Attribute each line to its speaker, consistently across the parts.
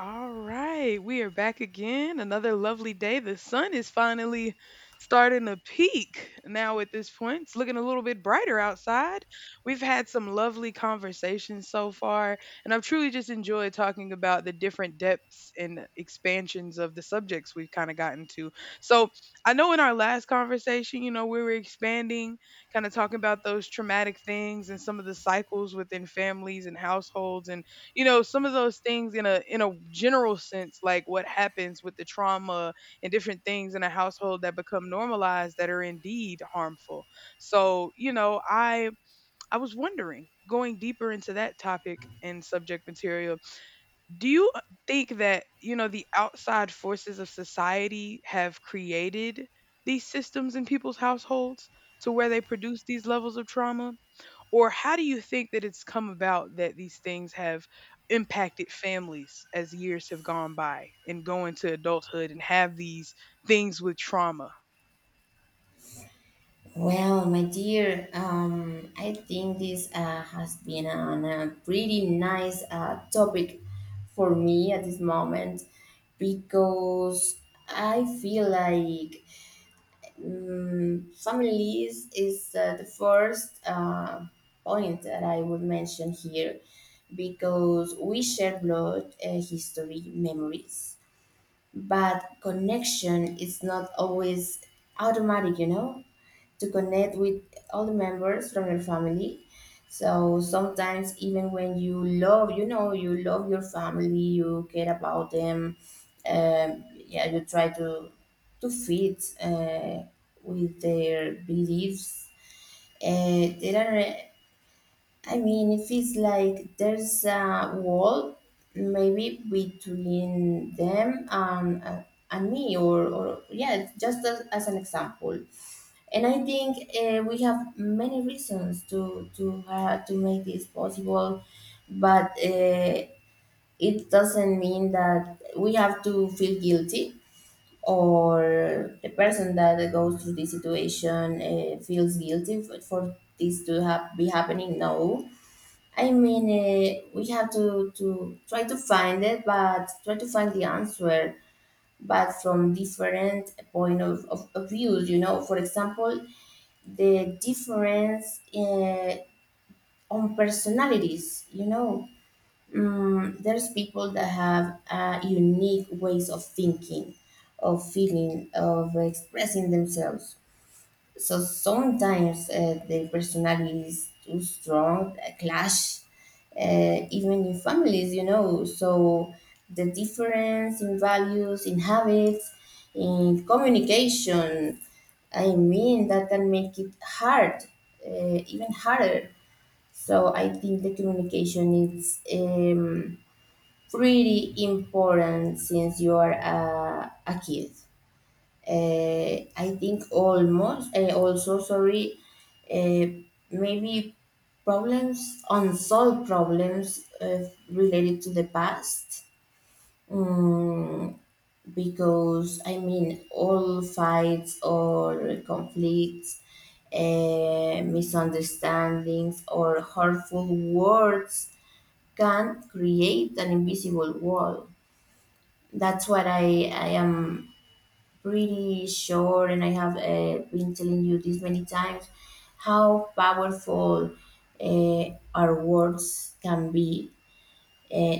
Speaker 1: All right, we are back again. Another lovely day. The sun is finally starting to peak now at this point. It's looking a little bit brighter outside. We've had some lovely conversations so far, and I've truly just enjoyed talking about the different depths and expansions of the subjects we've kind of gotten to. So, I know in our last conversation, you know, we were expanding, kind of talking about those traumatic things and some of the cycles within families and households and you know some of those things in a general sense, like what happens with the trauma and different things in a household that become normalized that are indeed harmful. So I was wondering, going deeper into that topic and subject material, do you think that, you know, the outside forces of society have created these systems in people's households to where they produce these levels of trauma? Or how do you think that it's come about that these things have impacted families as years have gone by and go into adulthood and have these things with trauma?
Speaker 2: I think this has been a pretty nice topic for me at this moment because I feel like families is the first point that I would mention here because we share blood, history, memories, but connection is not always automatic, you know? To connect with all the members from your family. So sometimes, even when you love your family, you care about them. Yeah, you try to to fit with their beliefs. Uh, there are, I mean, it feels like there's a wall maybe between them and me, or yeah, just as an example. And I think we have many reasons to to make this possible, but it doesn't mean that we have to feel guilty or the person that goes through this situation feels guilty for this to have be happening. No, I mean we have to try to find it, but try to find the answer, but from different point of views. You know, for example the difference on personalities, you know. There's people that have unique ways of thinking, of feeling, of expressing themselves. So sometimes the personality is too strong, a clash, even in families, you know. So the difference in values, in habits, in communication, I mean, that can make it hard, even harder. So I think the communication is pretty important since you are a kid. I think almost also sorry, uh, maybe problems unsolved problems related to the past. Mm, because I mean, all fights or conflicts, misunderstandings, or hurtful words can create an invisible wall. That's what I am pretty sure, and I have been telling you this many times, how powerful uh, our words can be, uh,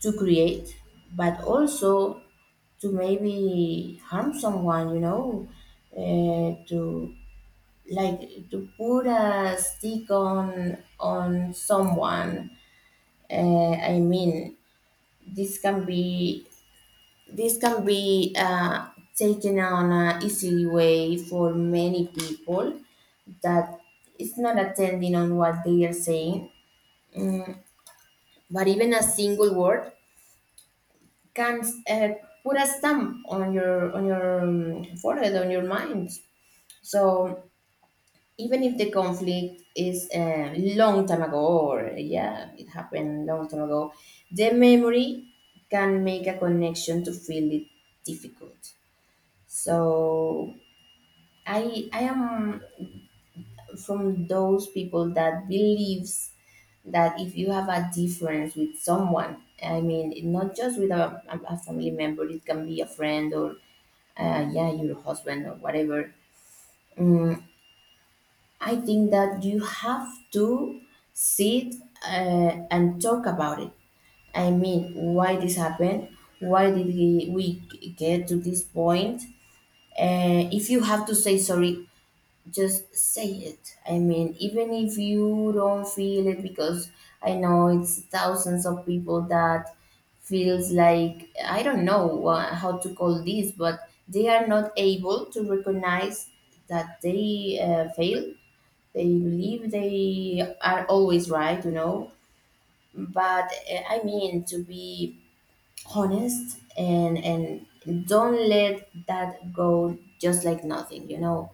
Speaker 2: to create, but also to maybe harm someone, you know, to like to put a stick on someone. I mean, this can be this can be taken on an easy way for many people that it's not attending on what they are saying, but even a single word can, uh, put a stamp on your forehead, on your mind. So even if the conflict is a long time ago, or yeah, it happened long time ago, the memory can make a connection to feel it difficult. So I am from those people that believes that if you have a difference with someone, I mean, not just with a family member, it can be a friend or, yeah, your husband or whatever. Mm, I think that you have to sit, and talk about it. I mean, why this happened? Why we get to this point? If you have to say sorry, just say it. I mean, even if you don't feel it, because I know it's thousands of people that feels like I don't know how to call this, but they are not able to recognize that they, fail. They believe they are always right, you know. But I mean, to be honest and don't let that go just like nothing, you know,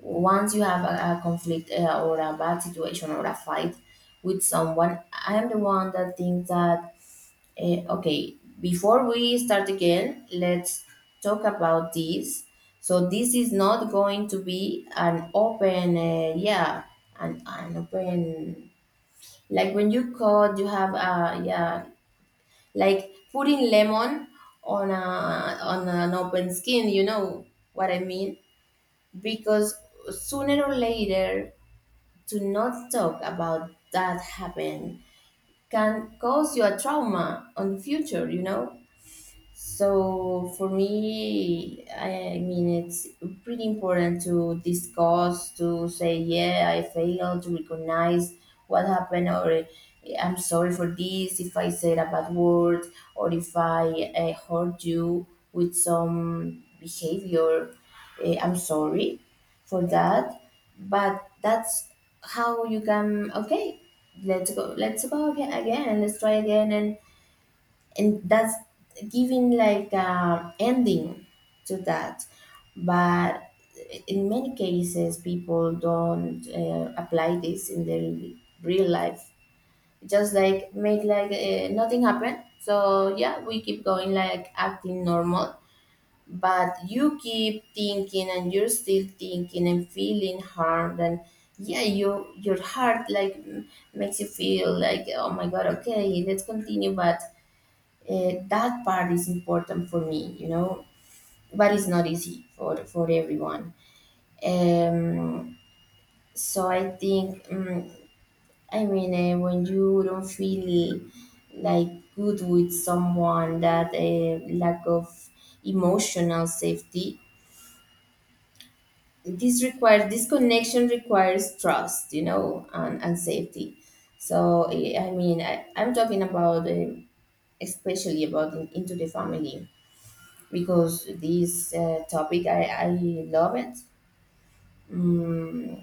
Speaker 2: once you have a conflict, or a bad situation or a fight with someone, I am the one that thinks that, uh, okay, before we start again, let's talk about this. So this is not going to be an open, yeah, an open, like when you code, you have, a yeah, like putting lemon on on an open skin, you know what I mean? Because sooner or later to not talk about that happened can cause you a trauma on the future, you know. So for me, I mean, it's pretty important to discuss, to say, yeah, I failed, to recognize what happened, or I'm sorry for this, if I said a bad word, or if I, hurt you with some behavior, eh, I'm sorry for that. But that's how you can, okay, let's go again, again, and let's try again, and that's giving like a ending to that, but in many cases people don't, apply this in their real life, just like make like, nothing happen. So yeah, we keep going like acting normal, but you keep thinking and you're still thinking and feeling harmed and yeah, you your heart like makes you feel like oh my god, okay, let's continue. But that part is important for me, you know, but it's not easy for everyone. um so I think, I mean, when you don't feel like good with someone, that lack of emotional safety, this requires, this connection requires trust, you know, and safety. So eh, I mean I'm talking about eh, especially about into the family because this topic I love it. Mm,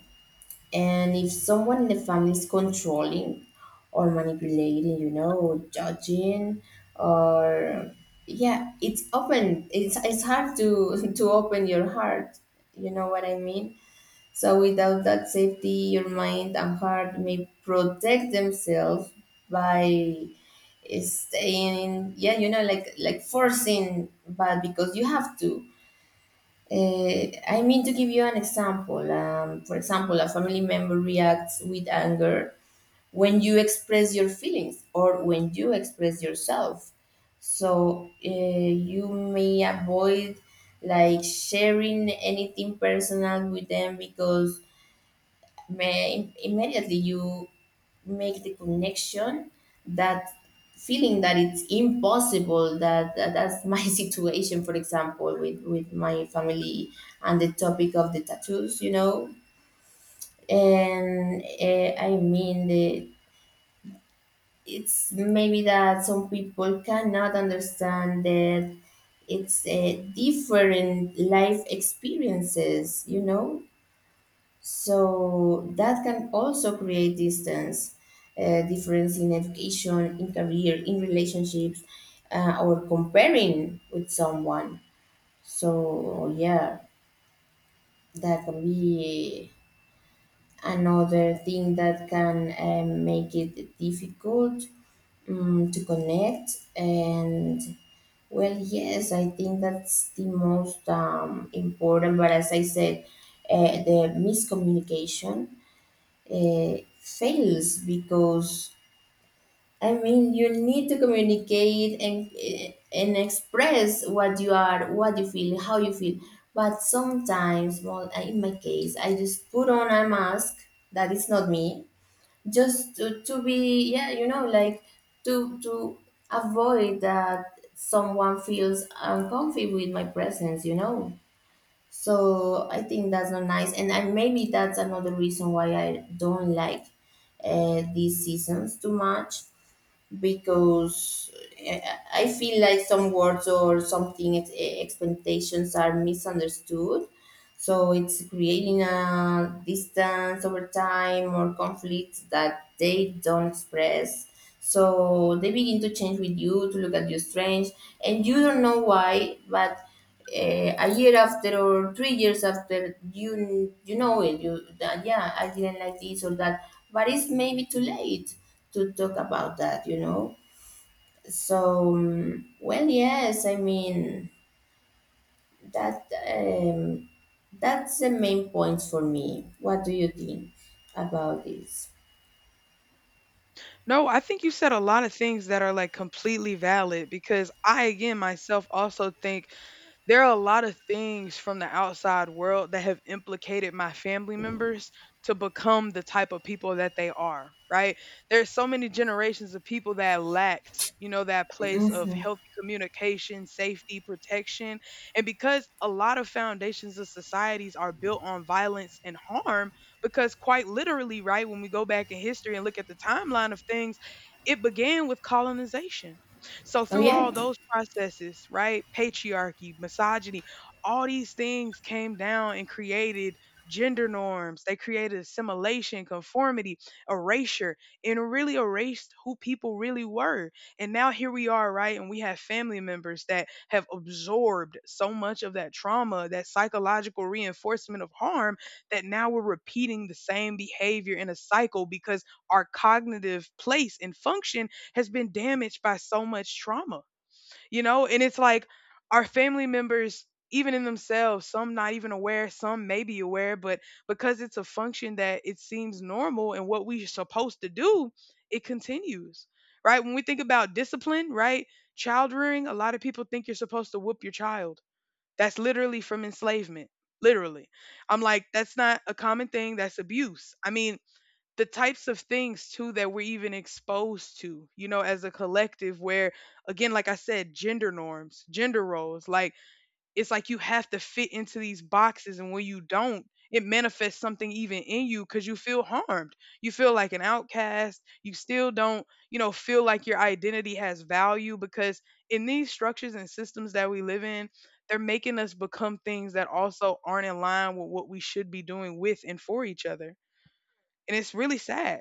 Speaker 2: and if someone in the family is controlling or manipulating, you know, judging, or yeah, it's open, it's hard to to open your heart, you know what I mean. So without that safety your mind and heart may protect themselves by staying, yeah, you know, like forcing but because you have to, I mean, to give you an example. For example, a family member reacts with anger when you express your feelings or when you express yourself. So you may avoid like sharing anything personal with them because may, immediately you make the connection that feeling that it's impossible that that's my situation, for example, with my family and the topic of the tattoos, you know. And I mean it's maybe that some people cannot understand that it's, different life experiences, you know. So that can also create distance, difference in education, in career, in relationships, or comparing with someone. So yeah, that can be another thing that can, make it difficult, to connect. And well, yes, I think that's the most, important. But as I said, the miscommunication, fails because I mean you need to communicate and eh, and express what you are, what you feel, how you feel. But sometimes, well, in my case, I just put on a mask that is not me, just to be yeah, you know, like to avoid that someone feels uncomfortable with my presence, you know. So I think that's not nice, and I, maybe that's another reason why I don't like, these seasons too much because, uh, I feel like some words or something expectations are misunderstood, so it's creating a distance over time or conflicts that they don't express. So they begin to change with you, to look at you strange, and you don't know why, but, a year after or 3 years after, you know it. You that yeah, I didn't like this or that, but it's maybe too late to talk about that, you know. So well, yes, I mean that that's the main points for me. What do you think about this?
Speaker 1: No, I think you said a lot of things that are like completely valid because I, again, myself also think there are a lot of things from the outside world that have implicated my family members to become the type of people that they are, right? There's so many generations of people that lacked, you know, that place of
Speaker 2: Hmm.
Speaker 1: healthy communication, safety, protection. And because a lot of foundations of societies are built on violence and harm, because quite literally, right, when we go back in history and look at the timeline of things, it began with colonization. So
Speaker 2: Oh
Speaker 1: through all
Speaker 2: yeah,
Speaker 1: those processes, right, patriarchy, misogyny, all these things came down and created gender norms. They created assimilation, conformity, erasure, and really erased who people really were. And now here we are, right? And we have family members that have absorbed so much of that trauma, that psychological reinforcement of harm, that now we're repeating the same behavior in a cycle because our cognitive place and function has been damaged by so much trauma, you know? And it's like our family members, even in themselves, some not even aware, some may be aware, but because it's a function that it seems normal and what we're supposed to do, it continues, right? When we think about discipline, right? Child rearing, a lot of people think you're supposed to whoop your child. That's literally from enslavement. Literally. I'm like, that's not a common thing. That's abuse. I mean, the types of things, too, that we're even exposed to, you know, as a collective, where, again, like I said, gender norms, gender roles, like, it's like you have to fit into these boxes, and when you don't, it manifests something even in you because you feel harmed, you feel like an outcast, you still don't, you know, feel like your identity has value, because in these structures and systems that we live in, they're making us become things that also aren't in line with what we should be doing with and for each other, and it's really sad.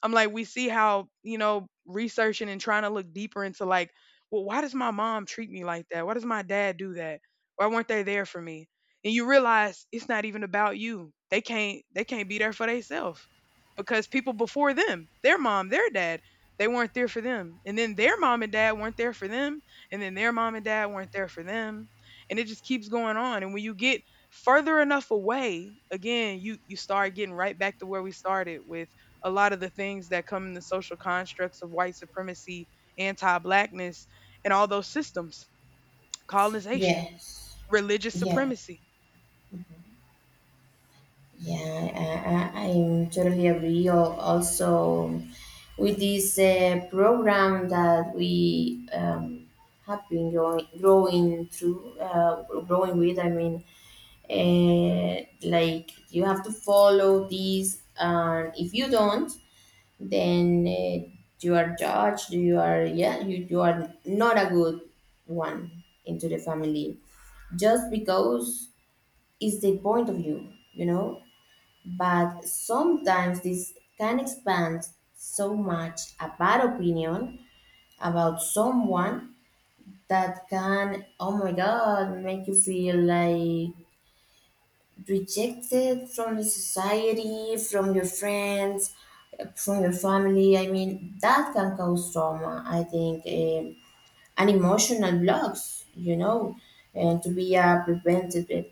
Speaker 1: I'm like, we see how, you know, researching and trying to look deeper into, like, well, why does my mom treat me like that? Why does my dad do that? Why weren't they there for me? And you realize it's not even about you. They can't be there for themselves because people before them, their mom, their dad, they weren't there for them. And then their mom and dad weren't there for them, and then their mom and dad weren't there for them. And it just keeps going on. And when you get further enough away, again, you start getting right back to where we started with a lot of the things that come in the social constructs of white supremacy, anti-blackness, and all those systems, colonization,
Speaker 2: yes,
Speaker 1: religious
Speaker 2: yeah.
Speaker 1: supremacy.
Speaker 2: Yeah, I'm totally agree. Also, with this, program that we, have been growing, growing through, growing with, I mean, like you have to follow these, and if you don't. Then you are judged, you are, yeah, you are not a good one into the family just because it's the point of view, you know. But sometimes this can expand so much a bad opinion about someone that can oh my god make you feel like rejected from the society, from your friends, from your family. I mean, that can cause trauma, I think, and emotional blocks, you know, and to be a preventative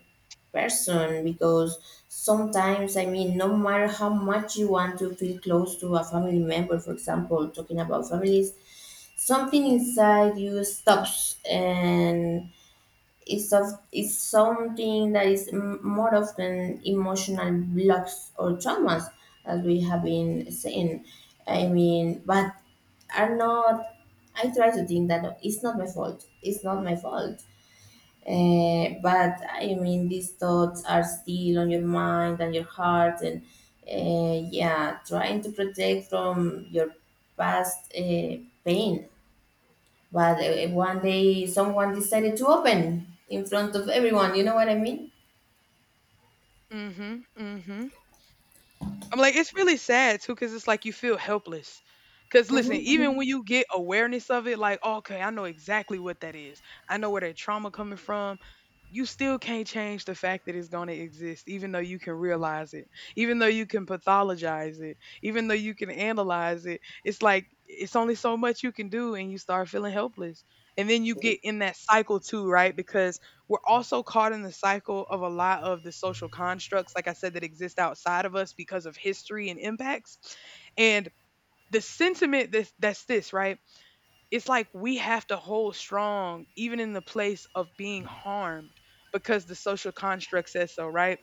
Speaker 2: person because sometimes, I mean, no matter how much you want to feel close to a family member, for example, talking about families, something inside you stops and is of is something that is more often emotional blocks or traumas as we have been saying. I mean, but are not, I try to think that no, it's not my fault, it's not my fault, but I mean these thoughts are still on your mind and your heart and, yeah, trying to protect from your past, pain, but one day someone decided to open in front of everyone. You know what I mean?
Speaker 1: Mhm, mhm. I'm like, it's really sad too, because it's like you feel helpless. Because listen, even
Speaker 2: Hmm.
Speaker 1: when you get awareness of it, like, okay, I know exactly what that is. I know where that trauma coming from. You still can't change the fact that it's going to exist, even though you can realize it, even though you can pathologize it, even though you can analyze it. It's like it's only so much you can do, and you start feeling helpless. And then you get in that cycle too, right? Because we're also caught in the cycle of a lot of the social constructs, like I said, that exist outside of us because of history and impacts. And the sentiment that's this, right? It's like we have to hold strong even in the place of being harmed because the social construct says so, right?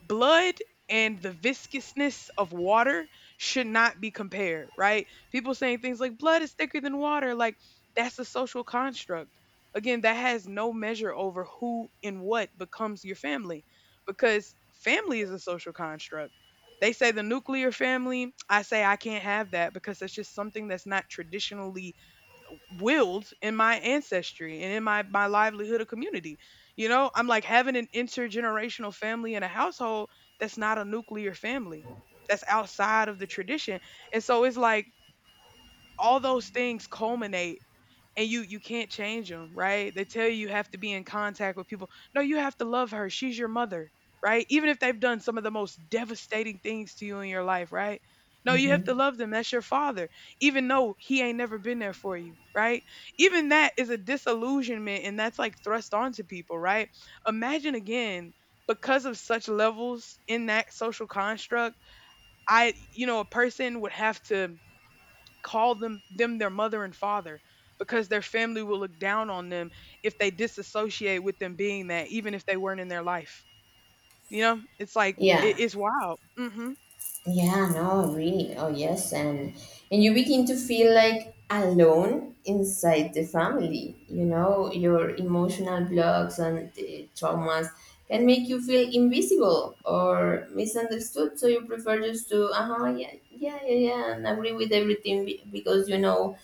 Speaker 1: Blood and the viscousness of water should not be compared, right? People saying things like blood is thicker than water, like, that's a social construct. Again, that has no measure over who and what becomes your family because family is a social construct. They say the nuclear family, I say I can't have that because that's just something that's not traditionally willed in my ancestry and in my livelihood of community. You know, I'm like, having an intergenerational family in a household, that's not a nuclear family, that's outside of the tradition. And so it's like all those things culminate, and you can't change them, right? They tell you you have to be in contact with people. No, you have to love her, she's your mother, right? Even if they've done some of the most devastating things to you in your life, right? No, you have to
Speaker 2: Hmm.
Speaker 1: love them, that's your father, even though he ain't never been there for you, right? Even that is a disillusionment, and that's like thrust onto people, right? Imagine, again, because of such levels in that social construct, I, you know, a person would have to call them their mother and father because their family will look down on them if they disassociate with them being that, even if they weren't in their life. You know, it's like it,
Speaker 2: Yeah.
Speaker 1: it's wild. Hmm.
Speaker 2: Yeah, no, really. Oh, yes. And you begin to feel like alone inside the family. You know, your emotional blocks and the traumas can make you feel invisible or misunderstood. So you prefer just to, uh-huh, yeah, yeah, yeah, yeah, and agree with everything because you know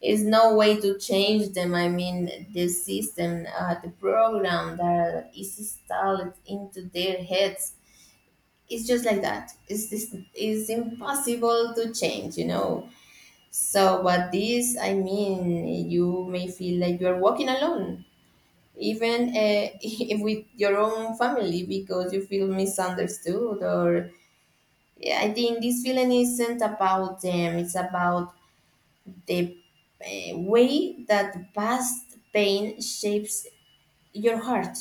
Speaker 2: is no way to change them. I mean, the system, the program that is installed into their heads, it's just like that. It's This is impossible to change, you know. So but this, I mean, you may feel like you are walking alone, even if with your own family, because you feel misunderstood. Or yeah, I think this feeling isn't about them; it's about the way that past pain shapes your heart.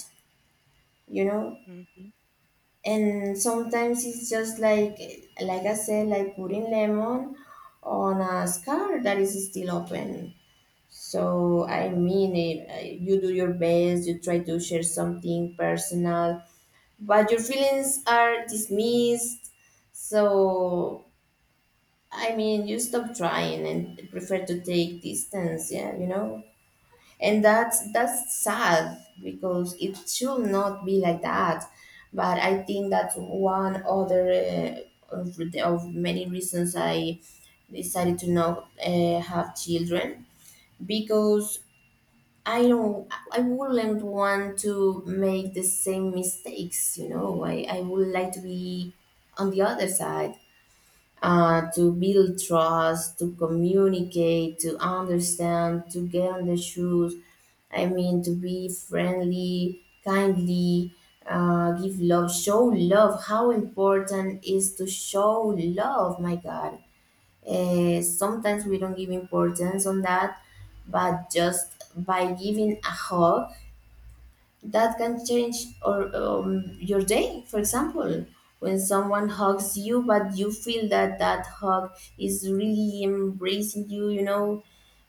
Speaker 2: You know,
Speaker 1: Hmm.
Speaker 2: and sometimes it's just like I said, like putting lemon on a scar that is still open. So I mean it, you do your best, you try to share something personal, but your feelings are dismissed. So I mean, you stop trying and prefer to take distance, yeah, you know. And that's sad because it should not be like that. But I think that's one other of many reasons I decided to not have children, because I wouldn't want to make the same mistakes, you know. I would like to be on the other side, to build trust, to communicate, to understand, to get on the shoes. I mean, to be friendly, kindly, give love, show love. How important is to show love? My God, sometimes we don't give importance on that, but just by giving a hug that can change or your day. For example, when someone hugs you but you feel that that hug is really embracing you, you know,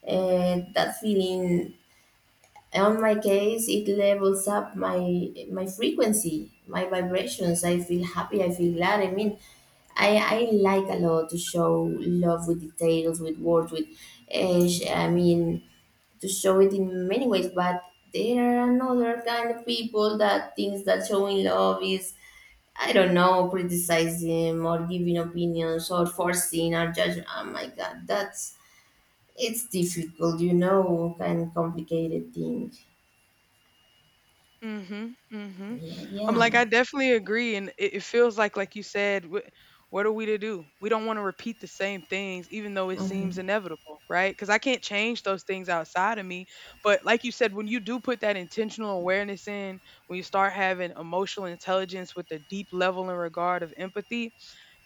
Speaker 2: that feeling, on my case it levels up my frequency, my vibrations. I feel happy, I feel glad. I mean, I like a lot to show love with details, with words, with I mean, to show it in many ways. But there are another kind of people that thinks that showing love is, I don't know, criticizing or giving opinions or forcing or judging. Oh my God, that's it's difficult, you know, and complicated thing.
Speaker 1: Mhm, mhm.
Speaker 2: Yeah,
Speaker 1: I'm
Speaker 2: yeah.
Speaker 1: like, I definitely agree, and it feels like you said, what are we to do? We don't want to repeat the same things, even though it seems
Speaker 2: Hmm.
Speaker 1: inevitable, right? Because I can't change those things outside of me. But like you said, when you do put that intentional awareness in, when you start having emotional intelligence with a deep level and regard of empathy,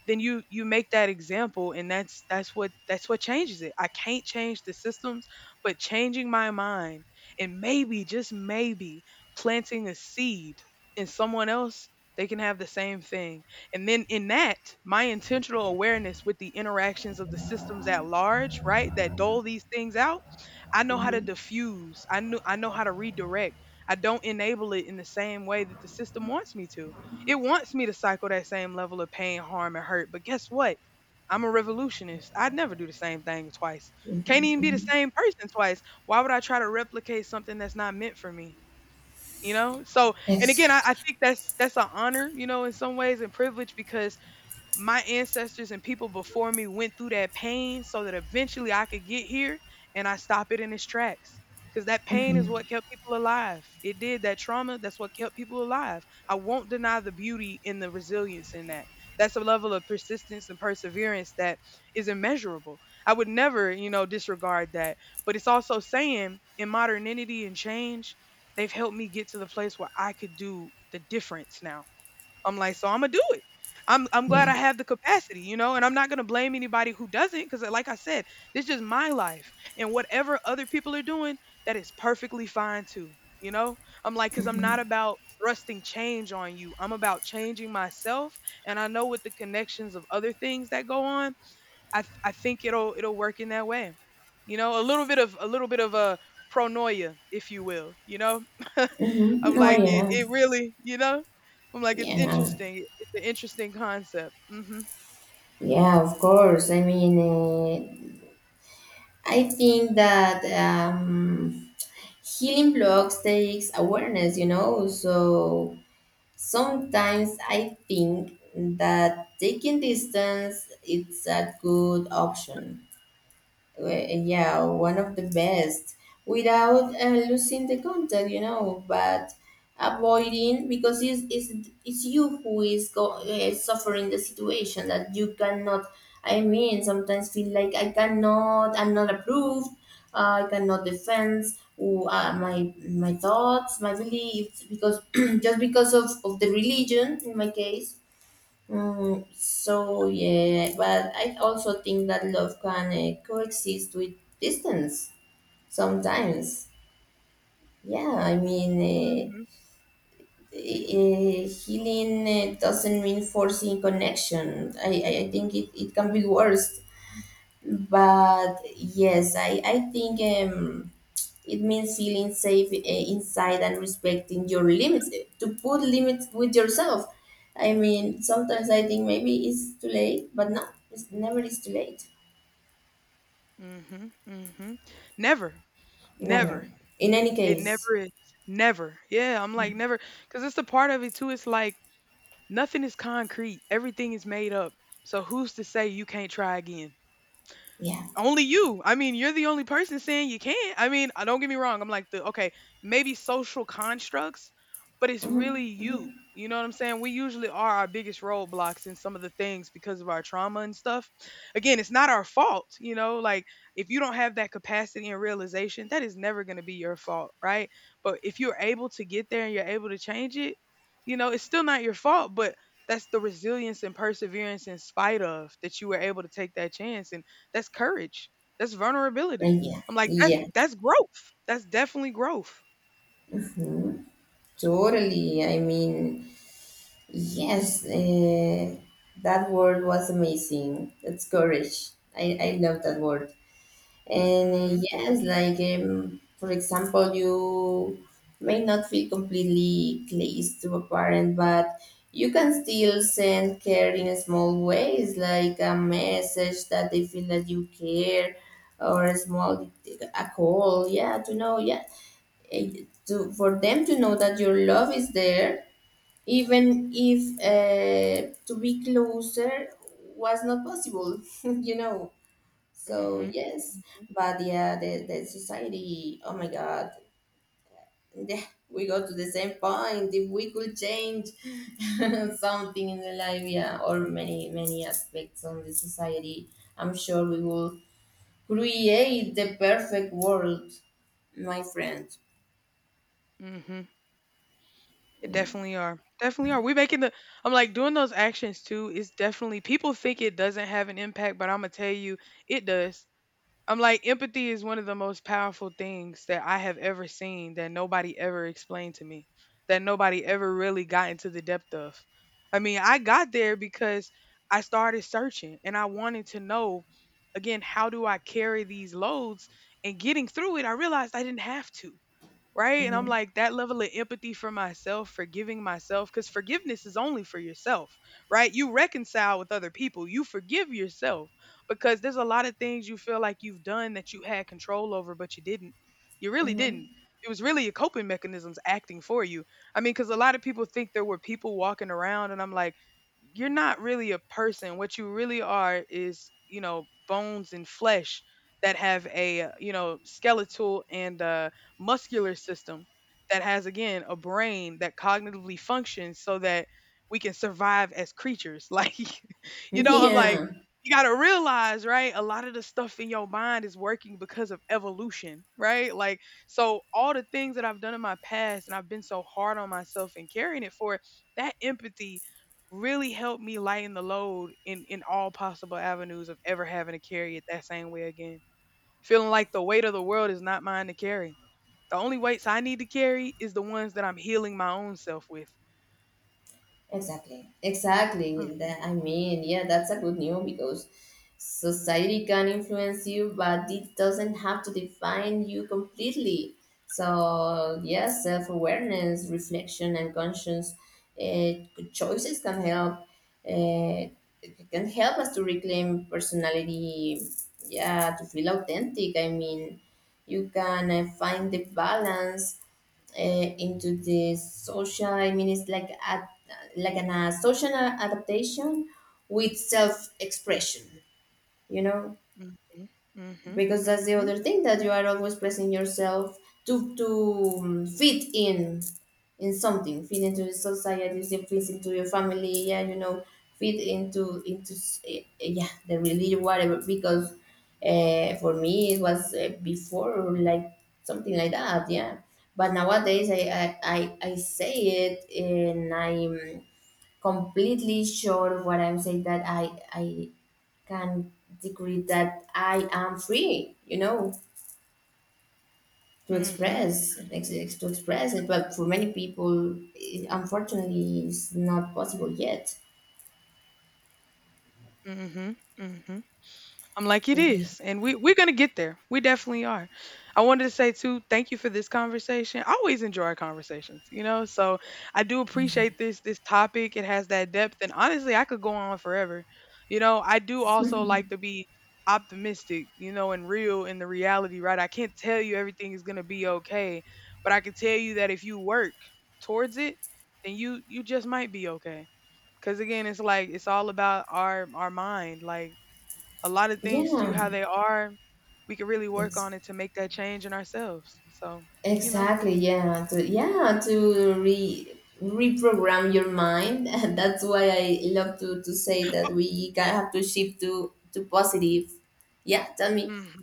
Speaker 1: then you make that example, and that's that's what changes it. I can't change the systems, but changing my mind, and maybe, just maybe, planting a seed in someone else, they can have the same thing. And then in that, my intentional awareness with the interactions of the systems at large, right, that dole these things out, I know how to
Speaker 2: Hmm.
Speaker 1: diffuse. I know how to redirect. I don't enable it in the same way that the system wants me to. It wants me to cycle that same level of pain, harm, and hurt. But guess what? I'm a revolutionist. I'd never do the same thing twice. Can't even be the same person twice. Why would I try to replicate something that's not meant for me? You know? So, and again, I
Speaker 2: Exactly.
Speaker 1: think that's an honor, you know, in some ways and privilege, because my ancestors and people before me went through that pain so that eventually I could get here and I stop it in its tracks. Because that pain is what kept people alive. It did. That trauma, that's what kept people alive. I won't deny the beauty and the resilience in that. That's a level of persistence and perseverance that is immeasurable. I would never, you know, disregard that. But it's also saying in modernity and change, they've helped me get to the place where I could do the difference now. I'm like, so I'm gonna do it. I'm glad
Speaker 2: Yeah.
Speaker 1: I have the capacity, you know, and I'm not gonna blame anybody who doesn't, because like I said, this is my life, and whatever other people are doing, that is perfectly fine too, you know. I'm like, because I'm not about thrusting change on you. I'm about changing myself, and I know with the connections of other things that go on, I think it'll work in that way, you know, a little bit of a little bit of a pronoia, if you will, you know. I'm
Speaker 2: Mm-hmm. Oh
Speaker 1: like, it,
Speaker 2: yeah.
Speaker 1: it really, you know? I'm like, it's
Speaker 2: Yeah.
Speaker 1: interesting. It's an interesting concept. Hmm.
Speaker 2: Yeah. Of course. I mean, I think that. Healing blocks takes awareness, you know. So sometimes I think that taking distance, it's a good option. Well, yeah, one of the best, without losing the contact, you know, but avoiding, because it's you who is suffering the situation that you cannot. I mean, sometimes feel like I cannot, I'm not approved, I cannot defend who, my thoughts, my beliefs, because just because of the religion in my case. Mm, so yeah, but I also think that love can coexist with distance sometimes. Yeah, I mean,
Speaker 1: Hmm.
Speaker 2: healing doesn't mean forcing connection. I think it, it can be worse. But yes, I think, it means feeling safe inside and respecting your limits, to put limits with yourself. I mean, sometimes I think maybe it's too late, but no, it's never is too late.
Speaker 1: Hmm. Hmm. Never.
Speaker 2: Never,
Speaker 1: Never.
Speaker 2: in any
Speaker 1: It
Speaker 2: case.
Speaker 1: never is. Never. Yeah, I'm like, never. Because it's the part of it, too. It's like, nothing is concrete. Everything is made up. So who's to say you can't try again?
Speaker 2: Yeah.
Speaker 1: Only you. I mean, you're the only person saying you can't. I mean, I don't get me wrong. I'm like the okay, maybe social constructs, but it's
Speaker 2: Hmm.
Speaker 1: really you.
Speaker 2: Hmm.
Speaker 1: You know what I'm saying? We usually are our biggest roadblocks in some of the things because of our trauma and stuff. Again, it's not our fault, you know? Like if you don't have that capacity and realization, that is never going to be your fault, right? But if you're able to get there and you're able to change it, you know, it's still not your fault, but that's the resilience and perseverance in spite of that you were able to take that chance, that's courage. That's vulnerability.
Speaker 2: Like, yeah,
Speaker 1: I'm like, that's
Speaker 2: yeah.
Speaker 1: that's growth. That's definitely growth.
Speaker 2: Mhm. Totally. I mean, yes, that word was amazing. That's courage. I love that word. And
Speaker 1: Mhm.
Speaker 2: yes, like for example, you may not feel completely close to a parent, but you can still send care in small ways, like a message that they feel that you care, or a call, yeah, to know, yeah, eh, to for them to know that your love is there, even if to be closer was not possible, you know. So
Speaker 1: Mhm.
Speaker 2: yes,
Speaker 1: Mhm.
Speaker 2: but yeah, the society. Oh my God, yeah, we go to the same point. If we could change something in the life, yeah, or many many aspects on the society, I'm sure we will create the perfect world, my friend.
Speaker 1: Mhm. It definitely are. Definitely are. We making the I'm like doing those actions too is definitely people think it doesn't have an impact, but I'm gonna tell you it does. I'm like, empathy is one of the most powerful things that I have ever seen that nobody ever explained to me, that nobody ever really got into the depth of. I mean, I got there because I started searching and I wanted to know, again, how do I carry these loads? And getting through it, I realized I didn't have to, right? And I'm
Speaker 2: Hmm.
Speaker 1: like, that level of empathy for myself, forgiving myself, because forgiveness is only for yourself, right? You reconcile with other people, you forgive yourself because there's a lot of things you feel like you've done that you had control over, but you didn't. You really didn't.
Speaker 2: Hmm.
Speaker 1: It was really your coping mechanisms acting for you. I mean, because a lot of people think there were people walking around, and I'm like, you're not really a person. What you really are is, you know, bones and flesh that have a, you know, skeletal and muscular system that has again a brain that cognitively functions so that we can survive as creatures like you know I'm like
Speaker 2: Yeah.
Speaker 1: you got to realize, right, a lot of the stuff in your mind is working because of evolution, right, like so all the things that I've done in my past and I've been so hard on myself and carrying it, for that empathy really helped me lighten the load in all possible avenues of ever having to carry it that same way again, feeling like the weight of the world is not mine to carry. The only weights I need to carry is the ones that I'm healing my own self with.
Speaker 2: Exactly. Exactly.
Speaker 1: Mhm.
Speaker 2: That, I mean, yeah, that's a good news, because society can influence you, but it doesn't have to define you completely. So, yeah, self awareness, reflection, and conscious uh, choices can help. Uh, it can help us to reclaim personality. Yeah, to feel authentic. I mean, you can find the balance into the social, I mean, it's like at like an social adaptation with self expression, you know.
Speaker 1: Mhm. Mhm.
Speaker 2: Because that's the
Speaker 1: Mhm.
Speaker 2: other thing, that you are always pressing yourself to fit in something, fit into the society, fit into your family, yeah, you know, fit into yeah, the religion, whatever. Because for me it was before like something like that, yeah. But nowadays I say it and I'm completely sure what I'm saying, that I can decree that I am free, you know, to
Speaker 1: Mhm.
Speaker 2: express it. But for many people, it, unfortunately, it's not possible yet.
Speaker 1: Mhm. Mhm. Mhm. I'm like, it
Speaker 2: Yeah,
Speaker 1: is. And we're going to get there. We definitely are. I wanted to say, too, thank you for this conversation. I always enjoy our conversations, you know? So I do appreciate this topic. It has that depth. And honestly, I could go on forever. You know, I do also like to be optimistic, you know, and real in the reality, right? I can't tell you everything is going to be okay, but I can tell you that if you work towards it, then you just might be okay. Cuz again, it's like it's all about our mind. Like a lot of things to
Speaker 2: yeah,
Speaker 1: how they are. We could really work
Speaker 2: ex-
Speaker 1: on it to make that change in ourselves. So, you know.
Speaker 2: exactly. Yeah, to yeah to re reprogram your mind, and that's why I love to say that we have to shift to positive. Yeah, tell me.
Speaker 1: Mhm.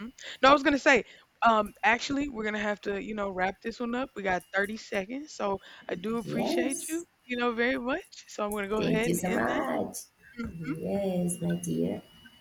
Speaker 1: Mhm. No, I was gonna say, actually, we're gonna have to, you know, wrap this one up. We got 30 seconds, so I do appreciate
Speaker 2: Yes,
Speaker 1: you, you know, very much. So I'm gonna go
Speaker 2: thank
Speaker 1: ahead
Speaker 2: you
Speaker 1: and
Speaker 2: so
Speaker 1: end that.
Speaker 2: much.
Speaker 1: Mhm.
Speaker 2: Yes, my dear.